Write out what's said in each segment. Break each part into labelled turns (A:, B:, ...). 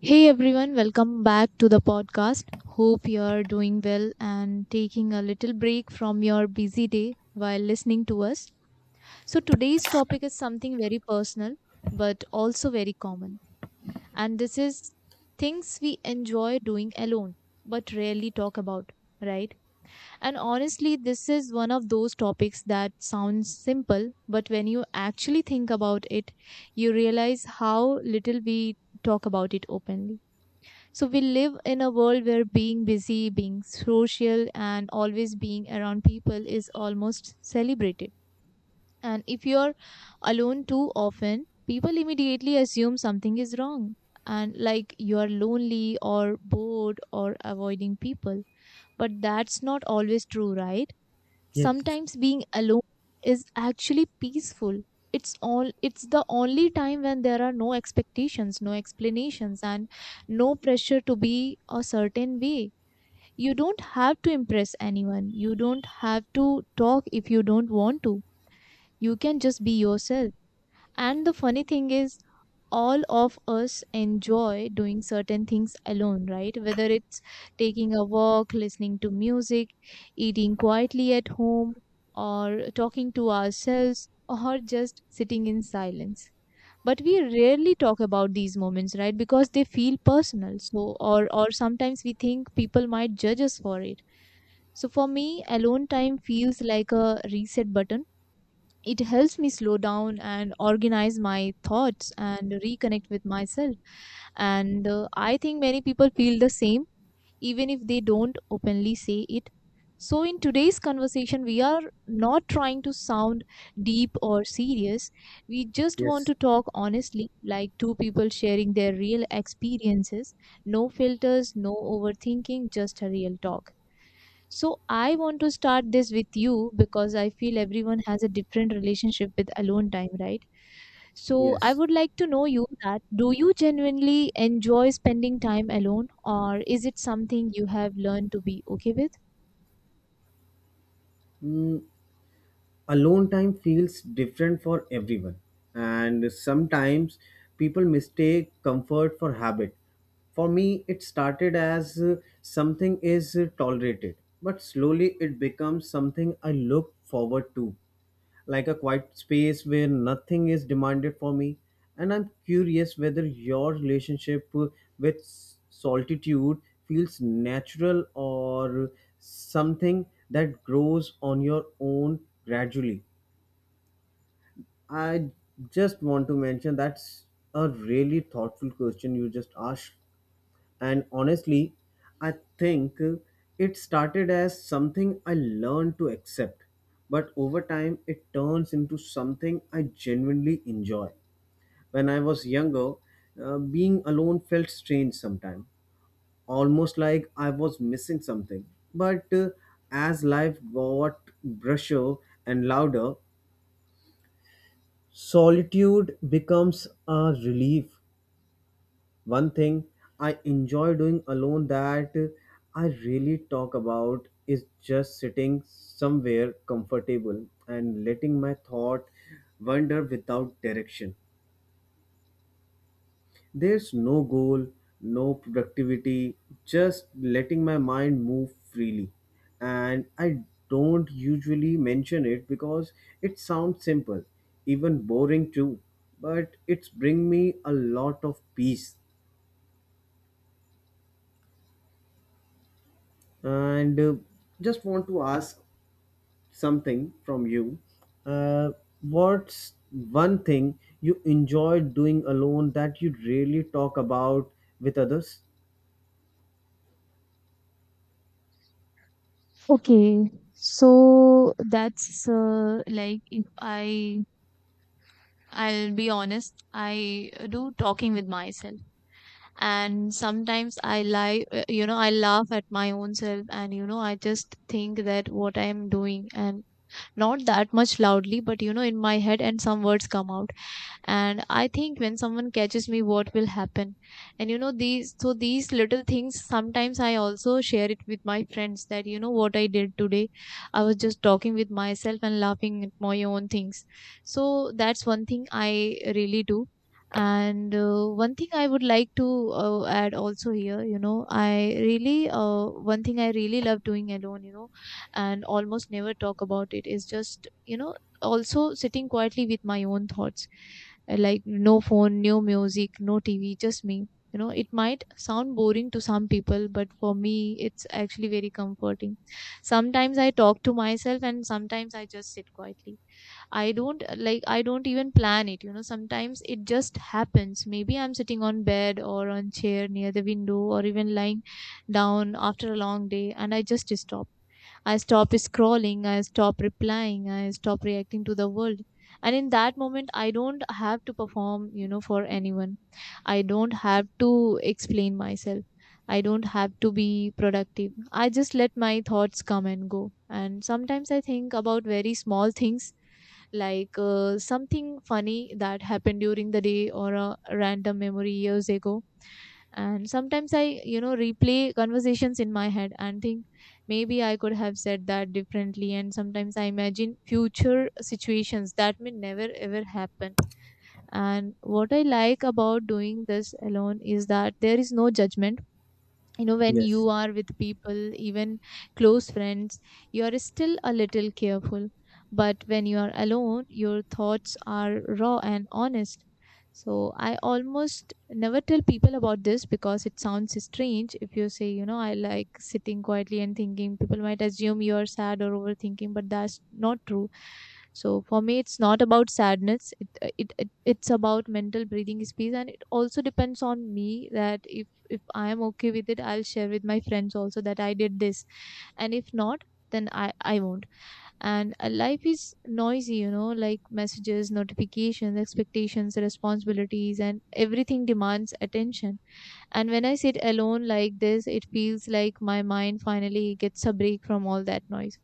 A: Hey everyone, welcome back to the podcast. Hope you're doing well and taking a little break from your busy day while listening to us. Today's topic is something very personal but also very common, and this is things we enjoy doing alone but rarely talk about, right? And honestly, this is one of those topics that sounds simple, but when you actually think about it, you realize how little we talk about it openly. So we live in a world where being busy, being social, and always being around people is almost celebrated. And if you're alone too often, people immediately assume something is wrong, and like you are lonely or bored or avoiding people. But that's not always true, right?
B: Yes,
A: Sometimes being alone is actually peaceful. It's the only time when there are no expectations, no explanations and no pressure to be a certain way. You don't have to impress anyone. You don't have to talk if you don't want to. You can just be yourself. And the funny thing is, all of us enjoy doing certain things alone, right? Whether it's taking a walk, listening to music, eating quietly at home, or talking to ourselves, or just sitting in silence. But we rarely talk about these moments, right? Because they feel personal. Or sometimes we think people might judge us for it. So, for me, alone time feels like a reset button. It helps me slow down and organize my thoughts and reconnect with myself, and I think many people feel the same, even if they don't openly say it. So in today's conversation we are not trying to sound deep or serious, we just want
B: yes,
A: to talk honestly, like two people sharing their real experiences. No filters, no overthinking, just a real talk. So I want to start this with you because I feel everyone has a different relationship with alone time, right? So I
B: yes.
A: would like to know you that do you genuinely enjoy spending time alone, or is it something you have learned to be okay with?
B: Mm, alone time feels different for everyone, and sometimes people mistake comfort for habit. For me, it started as something is tolerated, but slowly it becomes something I look forward to. Like a quiet space where nothing is demanded for me. And I'm curious whether your relationship with solitude feels natural or something that grows on your own gradually. I just want to mention that's a really thoughtful question you just asked. And honestly, I think it started as something I learned to accept, but over time it turns into something I genuinely enjoy. When I was younger, being alone felt strange sometimes, almost like I was missing something. But as life got brusher and louder, solitude becomes a relief. One thing I enjoy doing alone that I really talk about is just sitting somewhere comfortable and letting my thought wander without direction. There's no goal, no productivity, just letting my mind move freely. And I don't usually mention it because it sounds simple, even boring too, but it's bring me a lot of peace. And just want to ask something from you. Uh, what's one thing you enjoy doing alone that you really talk about with others?
A: Okay, so that's like if I I'll be honest, I do talking with myself. And sometimes I lie, you know, I laugh at my own self, and you know, I just think that what I am doing, and not that much loudly, but you know, in my head and some words come out, and I think when someone catches me what will happen. And you know these, these little things, sometimes I also share it with my friends, that you know what I did today, I was just talking with myself and laughing at my own things. So that's one thing I really do. And one thing I would like to add also here, you know, I really one thing I really love doing alone, you know, and almost never talk about it, is just, you know, also sitting quietly with my own thoughts. Like no phone, no music, no TV, just me. You know, it might sound boring to some people, but for me, it's actually very comforting. Sometimes I talk to myself, and sometimes I just sit quietly. I don't, like, I don't even plan it. You know, sometimes it just happens. Maybe I'm sitting on bed or on chair near the window, or even lying down after a long day, and I stop scrolling, I stop replying, I stop reacting to the world. And in that moment, I don't have to perform, you know, for anyone. I don't have to explain myself. I don't have to be productive. I just let my thoughts come and go. And sometimes I think about very small things, like something funny that happened during the day or a random memory years ago, and sometimes I, you know, replay conversations in my head and think maybe I could have said that differently, and sometimes I imagine future situations that may never ever happen. And what I like about doing this alone is that there is no judgment. You know, when
B: Yes,
A: you are with people, even close friends, you are still a little careful, but when you are alone, your thoughts are raw and honest. So I almost never tell people about this because it sounds strange. If you say, you know, I like sitting quietly and thinking, people might assume you are sad or overthinking, but that's not true. So for me, it's not about sadness, it it's about mental breathing space. And it also depends on me, that if I am okay with it, I'll share with my friends also that I did this, and if not, then I won't. And life is noisy, you know, like messages, notifications, expectations, responsibilities, and everything demands attention. And when I sit alone like this, it feels like my mind finally gets a break from all that noise.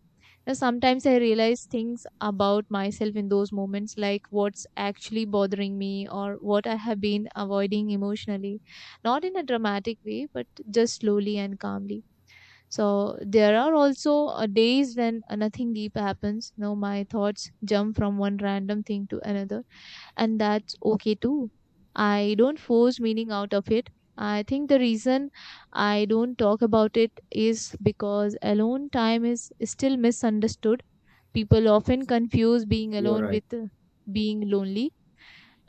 A: Now, sometimes I realize things about myself in those moments, like what's actually bothering me or what I have been avoiding emotionally. Not in a dramatic way, but just slowly and calmly. So, there are also days when nothing deep happens. You know, my thoughts jump from one random thing to another, and that's okay too. I don't force meaning out of it. I think the reason I don't talk about it is because alone time is still misunderstood. People often confuse being
B: you're
A: alone
B: right.
A: with being lonely,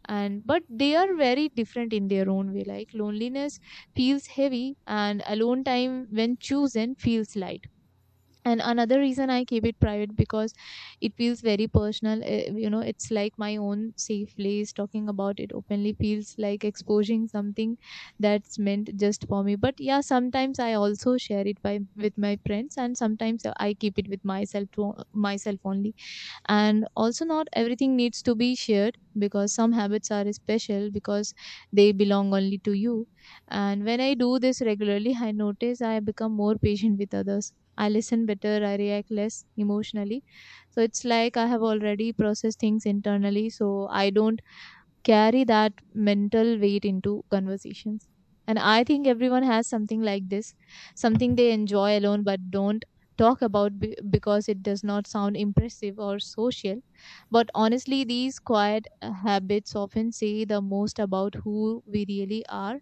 A: and but they are very different in their own way. Like loneliness feels heavy, and alone time, when chosen, feels light. And another reason I keep it private, because it feels very personal, you know, it's like my own safe place. Talking about it openly feels like exposing something that's meant just for me. But yeah, sometimes I also share it by with my friends, and sometimes I keep it with myself, to myself only. And also not everything needs to be shared, because some habits are special because they belong only to you. And when I do this regularly, I notice I become more patient with others, I listen better, I react less emotionally. So it's like I have already processed things internally, so I don't carry that mental weight into conversations. And I think everyone has something like this, something they enjoy alone but don't talk about because it does not sound impressive or social. But honestly, these quiet habits often say the most about who we really are.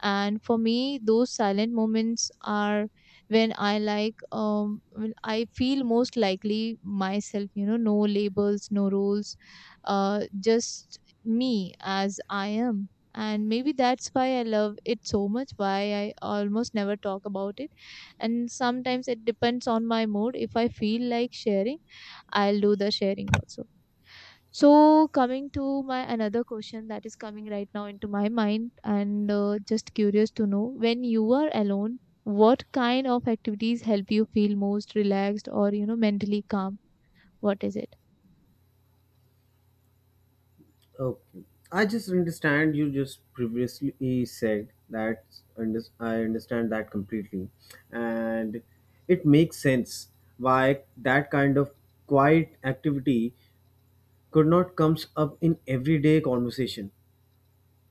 A: And for me, those silent moments are when I like when I feel most likely myself, you know, no labels, no rules, just me as I am. And maybe that's why I love it so much, why I almost never talk about it. And sometimes it depends on my mood, if I feel like sharing, I'll do the sharing also. So, coming to my another question that is coming right now into my mind, and just curious to know, when you are alone, what kind of activities help you feel most relaxed, or you know, mentally calm? What is it?
B: Okay. I just understand you just previously said that I understand that completely. And it makes sense why that kind of quiet activity could not comes up in everyday conversation.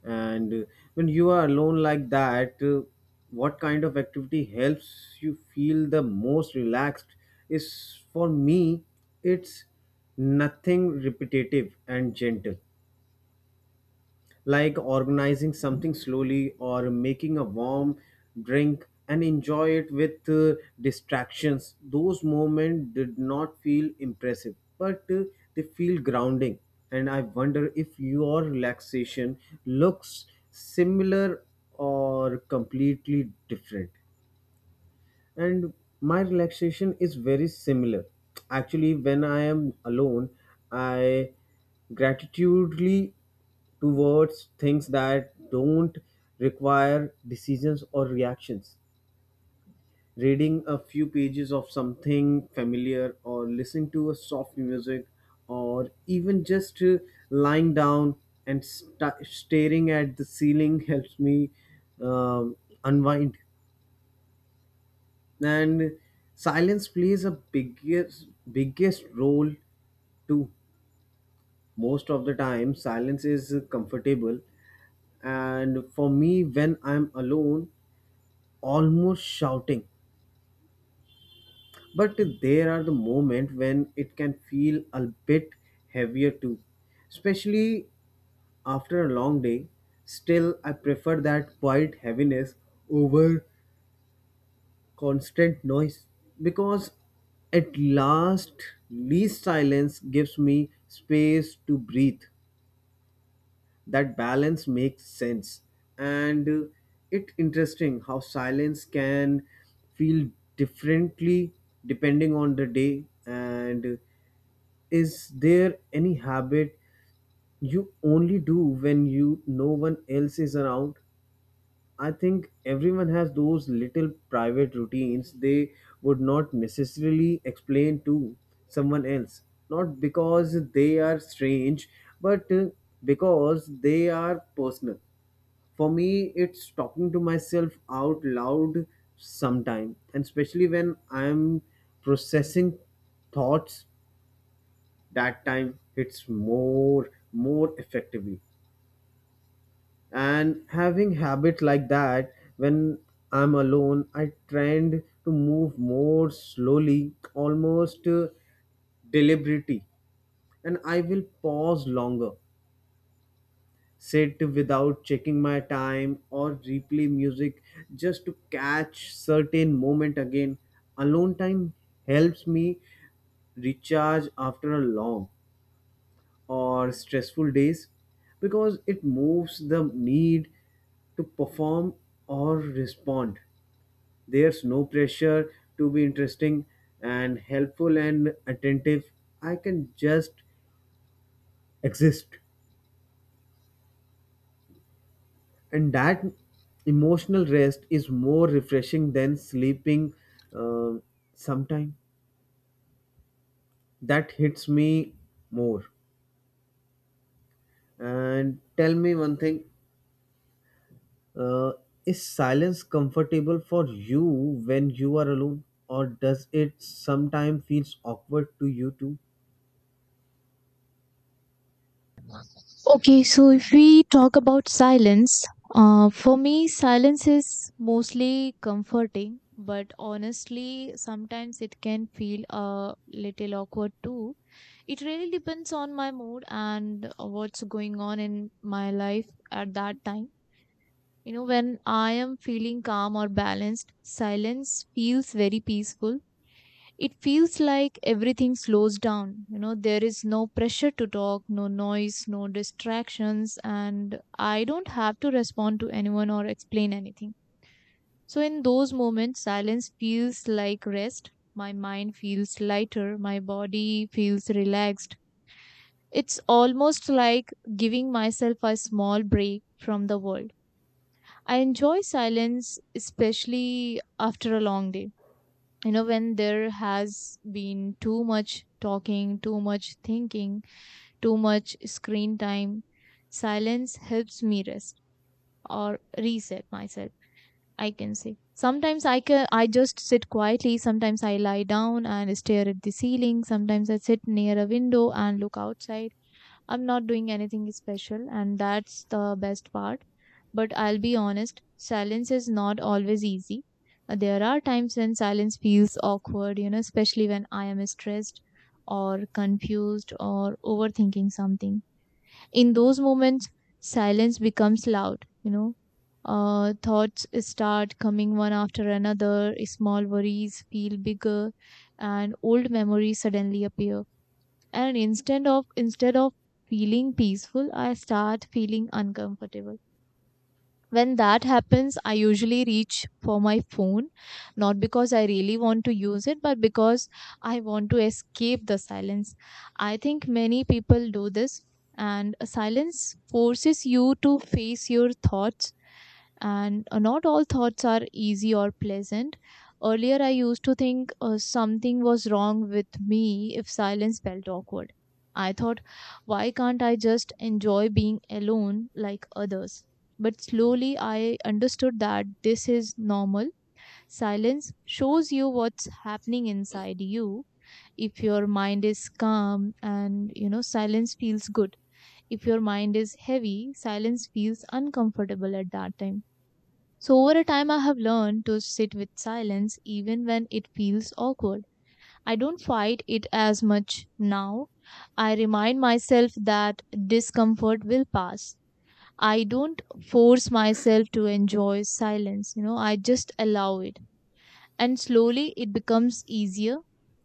B: And when you are alone like that, what kind of activity helps you feel the most relaxed is, for me, it's nothing repetitive and gentle, like organizing something slowly or making a warm drink and enjoy it with distractions. Those moments did not feel impressive, but they feel grounding. And I wonder if your relaxation looks similar or completely different. And my relaxation is very similar. Actually, when I am alone I gratitudely towards things that don't require decisions or reactions, reading a few pages of something familiar or listening to a soft music, or even just lying down and staring at the ceiling helps me um, unwind. And silence plays a biggest role too. Most of the time silence is comfortable, and for me when I'm alone almost shouting, but there are the moment when it can feel a bit heavier too, especially after a long day. Still, I prefer that quiet heaviness over constant noise, because at last least silence gives me space to breathe. That balance makes sense. And it interesting how silence can feel differently depending on the day. And is there any habit you only do when you no one else is around? I think everyone has those little private routines they would not necessarily explain to someone else. Not because they are strange, but because they are personal. For me, it's talking to myself out loud sometime, and especially when I'm processing thoughts, that time it's more effectively. And having habit like that, when I'm alone I trend to move more slowly, almost deliberately, and I will pause longer, sit without checking my time or replay music just to catch certain moment again. Alone time helps me recharge after a long or stressful days because it moves the need to perform or respond. There's no pressure to be interesting and helpful and attentive. I can just exist. And that emotional rest is more refreshing than sleeping uh, sometime. That hits me more. And tell me one thing. Uh, is silence comfortable for you when you are alone, or does it sometimes feels awkward to you too?
A: Okay, so if we talk about silence, for me, silence is mostly comforting, but honestly, sometimes it can feel a little awkward too. It really depends on my mood and what's going on in my life at that time. You know, when I am feeling calm or balanced, silence feels very peaceful. It feels like everything slows down. You know, there is no pressure to talk, no noise, no distractions, and I don't have to respond to anyone or explain anything. So, in those moments, silence feels like rest. My mind feels lighter, my body feels relaxed, it's almost like giving myself a small break from the world. I enjoy silence, especially after a long day. You know, when there has been too much talking, too much thinking, too much screen time, silence helps me rest or reset myself, I can say. Sometimes I can I just sit quietly, sometimes I lie down and stare at the ceiling, sometimes I sit near a window and look outside. I'm not doing anything special, and that's the best part. But I'll be honest, silence is not always easy. There are times when silence feels awkward, you know, especially when I am stressed or confused or overthinking something. In those moments, silence becomes loud, you know. Thoughts start coming one after another, small worries feel bigger, and old memories suddenly appear, and instead of feeling peaceful, I start feeling uncomfortable. When that happens, I usually reach for my phone, not because I really want to use it, but because I want to escape the silence. I think many people do this. And silence forces you to face your thoughts, and not all thoughts are easy or pleasant. Earlier, I used to think something was wrong with me if silence felt awkward. I thought, why can't I just enjoy being alone like others? But slowly, I understood that this is normal. Silence shows you what's happening inside you. If your mind is calm and you know, silence feels good. If your mind is heavy, silence feels uncomfortable at that time, so over a time, I have learned to sit with silence even when it feels awkward. I don't fight it as much now. I remind myself that discomfort will pass. I don't force myself to enjoy silence, I just allow it. And slowly it becomes easier.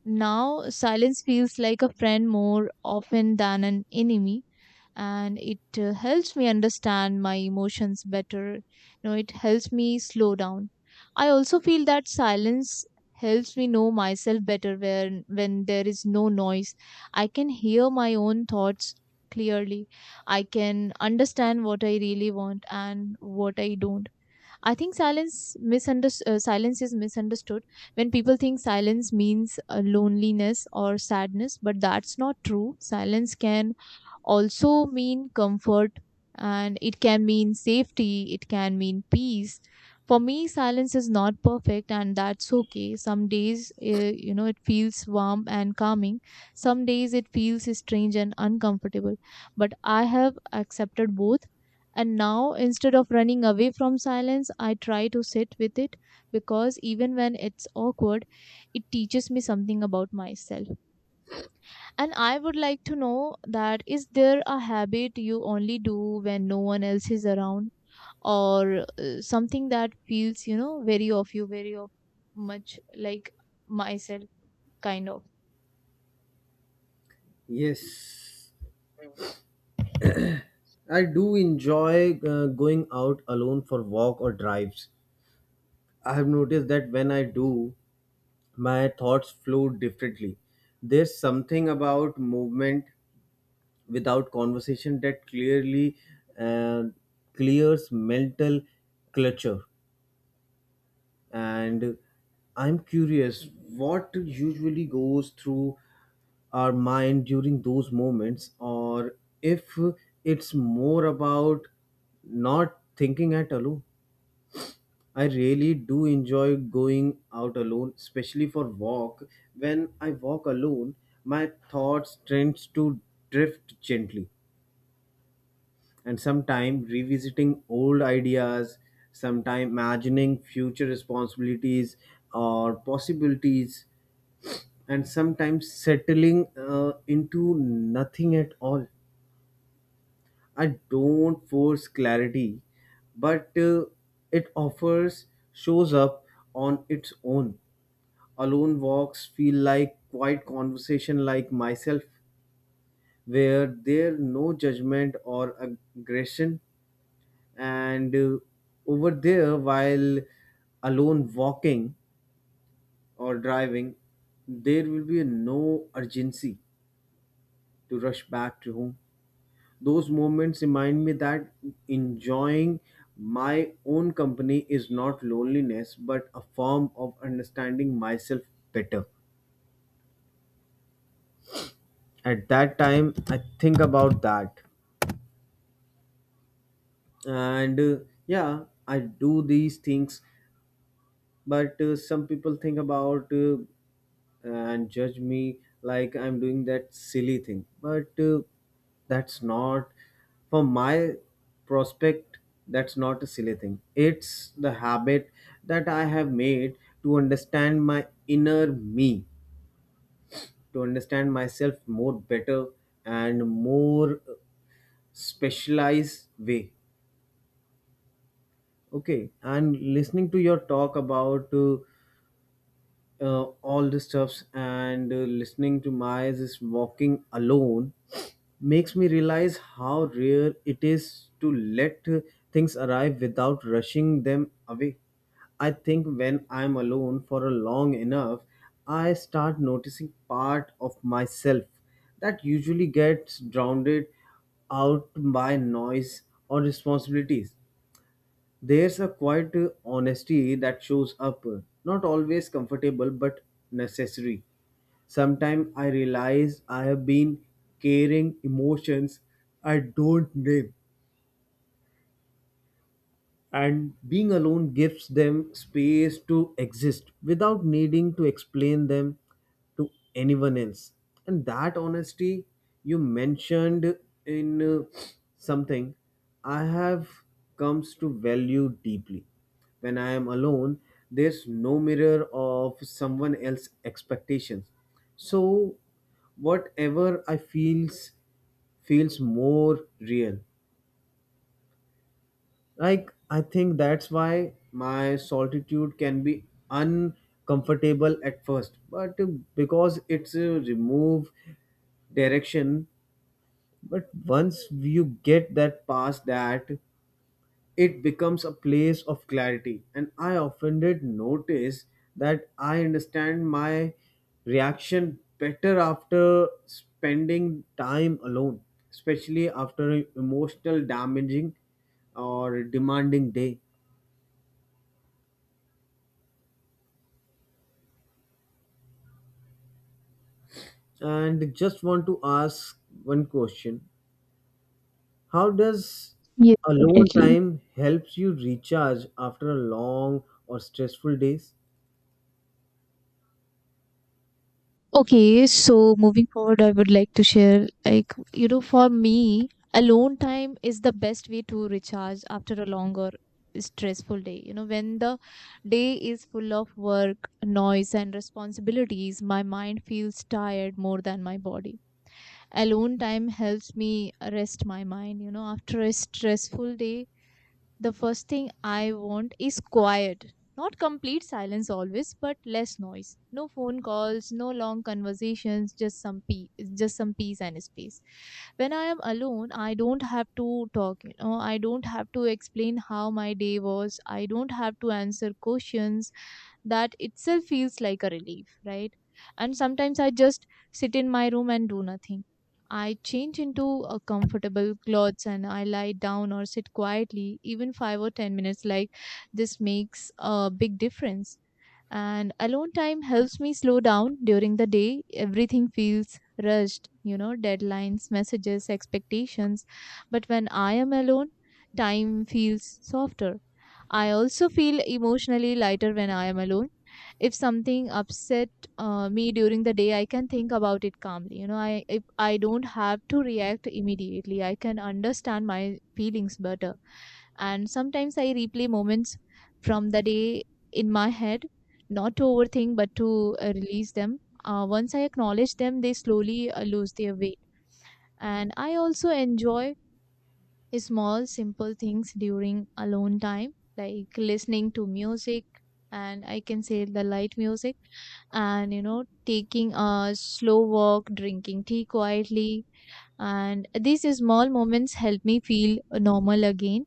A: Now, silence feels like a friend more often than an enemy, and it helps me understand my emotions better. You know, it helps me slow down. I also feel that silence helps me know myself better when there is no noise. I can hear my own thoughts clearly. I can understand what I really want and what I don't. I think silence misunderstood. Silence is misunderstood when people think silence means loneliness or sadness, but that's not true. Silence can also mean comfort, and it can mean safety, it can mean peace. For me, silence is not perfect, and that's okay. Some days, it feels warm and calming. Some days, it feels strange and uncomfortable. But I have accepted both. And now, instead of running away from silence, I try to sit with it, because even when it's awkward, it teaches me something about myself. And I would like to know, that is there a habit you only do when no one else is around, or something that feels, you know, very of you, very of much like myself, kind of.
B: Yes, I do enjoy going out alone for walk or drives. I have noticed that when I do, my thoughts flow differently. There's something about movement without conversation that clearly uh, clears mental clutter. And I'm curious what usually goes through our mind during those moments, or if it's more about not thinking at alone. I really do enjoy going out alone, especially for walk. When I walk alone my thoughts tends to drift gently, and sometime revisiting old ideas, sometime imagining future responsibilities or possibilities, and sometimes settling into nothing at all. I don't force clarity, but it offers shows up on its own. Alone walks feel like quiet conversation like myself, where there no judgment or aggression. And over there while alone walking or driving, there will be no urgency to rush back to home. Those moments remind me that enjoying my own company is not loneliness but a form of understanding myself better. At that time I think about that. And yeah, I do these things. But some people think about and judge me like I'm doing that silly thing. But that's not for my prospect, that's not a silly thing, it's the habit that I have made to understand my inner me, to understand myself more better and more specialized way. Okay. And listening to your talk about uh, all the stuffs, and listening to my this walking alone makes me realize how rare it is to let things arrive without rushing them away. I think when I'm alone for a long enough, I start noticing part of myself that usually gets drowned out by noise or responsibilities. There's a quiet honesty that shows up, not always comfortable but necessary. Sometimes I realize I have been carrying emotions I don't name, and being alone gives them space to exist without needing to explain them to anyone else. And that honesty you mentioned in something I have comes to value deeply. When I am alone there's no mirror of someone else's expectations, so whatever I feels feels more real. Like, I think that's why my solitude can be uncomfortable at first, but because it's a remove direction. But once you get that past that, it becomes a place of clarity, and I often did notice that I understand my reaction better after spending time alone, especially after an emotional damaging or demanding day. And just want to ask one question. How does
A: Yes,
B: alone
A: definitely.
B: time helps you recharge after a long or stressful days?
A: Okay, so moving forward, I would like to share, like, you know, for me, alone time is the best way to recharge after a long or stressful day. You know, when the day is full of work, noise, and responsibilities, my mind feels tired more than my body. Alone time helps me rest my mind. You know, after a stressful day, the first thing I want is quiet. Not complete silence always, but less noise. No phone calls, no long conversations, just some peace and space. When I am alone, I don't have to talk, you know, I don't have to explain how my day was. I don't have to answer questions. That itself feels like a relief, right? And sometimes I just sit in my room and do nothing. I change into comfortable clothes and I lie down or sit quietly, even 5 or 10 minutes. Like this makes a big difference. And alone time helps me slow down during the day. Everything feels rushed, you know, deadlines, messages, expectations. But when I am alone, time feels softer. I also feel emotionally lighter when I am alone. If something upset me during the day, I can think about it calmly. You know, I if I don't have to react immediately, I can understand my feelings better. And sometimes I replay moments from the day in my head, not to overthink but to release them. Once I acknowledge them, they slowly lose their weight. And I also enjoy small simple things during alone time, like listening to music, and I can say the light music, and you know, taking a slow walk, drinking tea quietly. And these small moments help me feel normal again.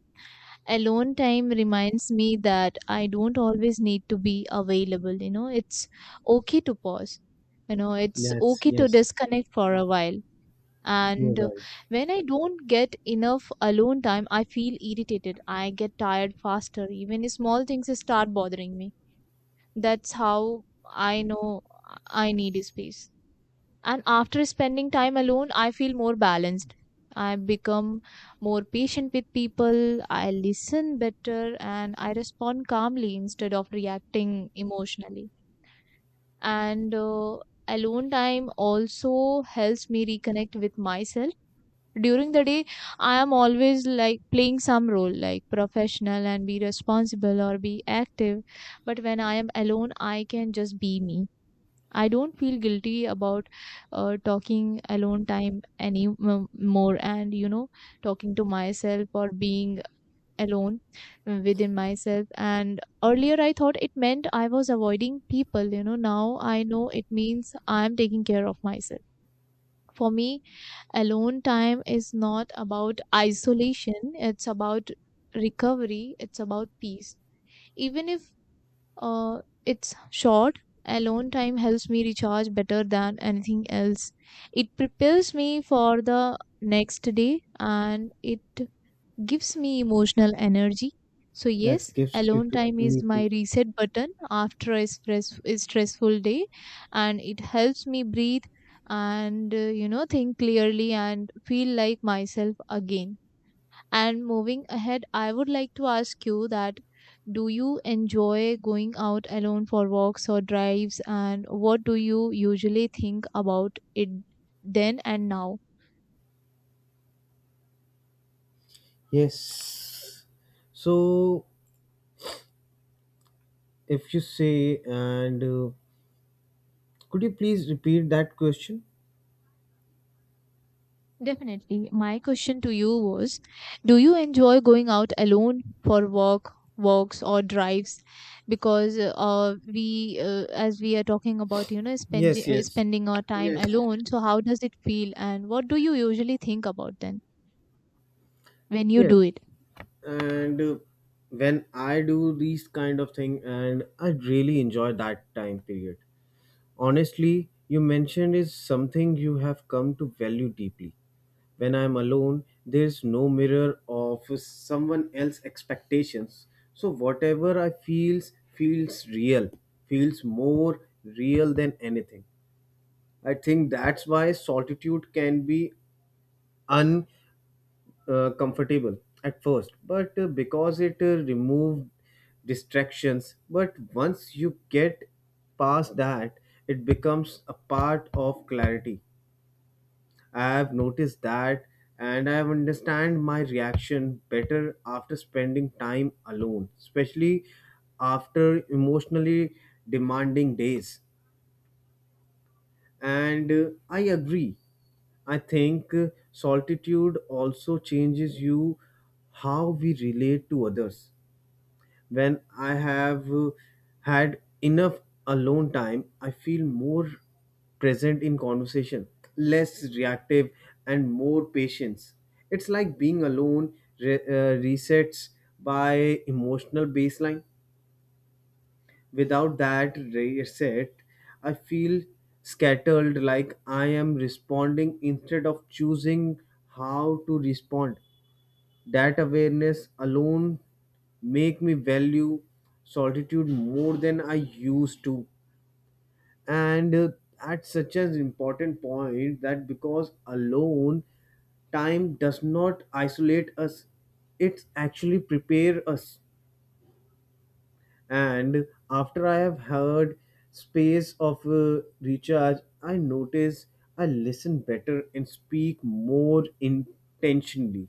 A: Alone time reminds me that I don't always need to be available. You know, it's okay to pause, you know, it's
B: Yes,
A: okay to
B: yes,
A: disconnect for a while.
B: you're
A: And
B: right.
A: when I don't get enough alone time, I feel irritated, I get tired faster, even small things start bothering me. That's how I know I need space. And after spending time alone, I feel more balanced. I become more patient with people, I listen better, and I respond calmly instead of reacting emotionally. And alone time also helps me reconnect with myself. During the day, I am always like playing some role, like professional and be responsible or be active. But when I am alone, I can just be me. I don't feel guilty about talking alone time more, and you know, talking to myself or being alone within myself. And earlier I thought it meant I was avoiding people. You know, now I know it means I am taking care of myself. For me, alone time is not about isolation, it's about recovery, it's about peace. Even if it's short, alone time helps me recharge better than anything else. It prepares me for the next day, and it gives me emotional energy. So,
B: That
A: yes,
B: gives you
A: alone
B: to
A: time is
B: me too.
A: my reset button after a stressful day, and it helps me breathe and, you know, think clearly and feel like myself again. And moving ahead, I would like to ask you that do you enjoy going out alone for walks or drives, and what do you usually think about it then and now?
B: Yes. So if you say, and could you please repeat that question?
A: Definitely. My question to you was, do you enjoy going out alone for walks or drives? Because as we are talking about, you know,
B: Yes, yes,
A: spending our time
B: yes.
A: alone. So how does it feel, and what do you usually think about then when you
B: Yes,
A: do it?
B: and when I do these kind of thing and I really enjoy that time period. Honestly, you mentioned is something you have come to value deeply. When I'm alone, there's no mirror of someone else's expectations. So whatever I feels feels real, feels more real than anything. I think that's why solitude can be comfortable at first, but because it removed distractions. But once you get past that, it becomes a part of clarity. I have noticed that, and I have understand my reaction better after spending time alone, especially after emotionally demanding days. And I agree, I think solitude also changes you, how we relate to others. When I have had enough alone time I feel more present in conversation, less reactive and more patience. It's like being alone resets by emotional baseline. Without that reset, I feel scattered, like I am responding instead of choosing how to respond. That awareness alone make me value solitude more than I used to. And at such an important point, that because alone time does not isolate us, it actually prepare us. And after I have heard space of recharge I notice I listen better and speak more intentionally.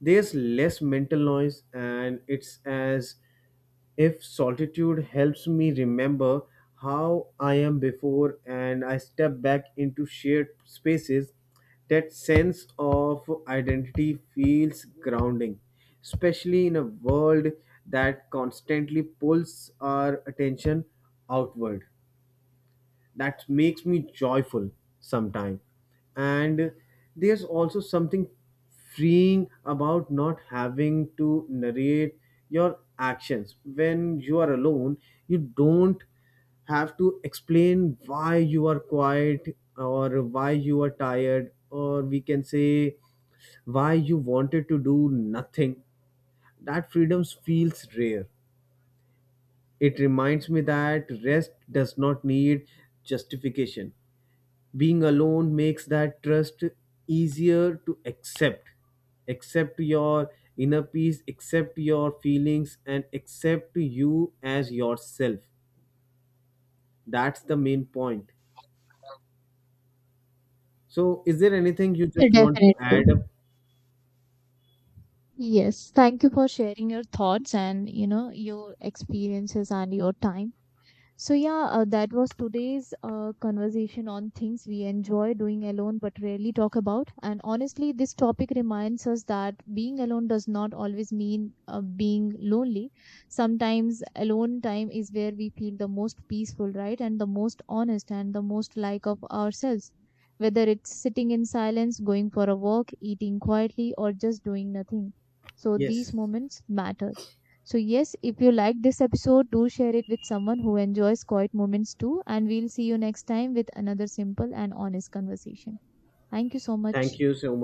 B: There's less mental noise, and it's as if solitude helps me remember how I am before and I step back into shared spaces, that sense of identity feels grounding, especially in a world that constantly pulls our attention outward. That makes me joyful sometime. And there's also something freeing about not having to narrate your actions when you are alone. You don't have to explain why you are quiet or why you are tired, or we can say why you wanted to do nothing. That freedom feels rare. It reminds me that rest does not need justification. Being alone makes that trust easier to accept. Accept your inner peace, accept your feelings, and accept you as yourself. That's the main point. So is there anything you just want to
A: Definitely.
B: add up?
A: Yes. Thank you for sharing your thoughts and you know your experiences and your time. So, yeah, that was today's conversation on things we enjoy doing alone but rarely talk about. And honestly, this topic reminds us that being alone does not always mean being lonely. Sometimes alone time is where we feel the most peaceful, right? And the most honest and the most like of ourselves. Whether it's sitting in silence, going for a walk, eating quietly, or just doing nothing. So, these
B: Yes,
A: moments matter. So, yes, if you like this episode, do share it with someone who enjoys quiet moments too. And we'll see you next time with another simple and honest conversation. Thank you so much.
B: thank you so much.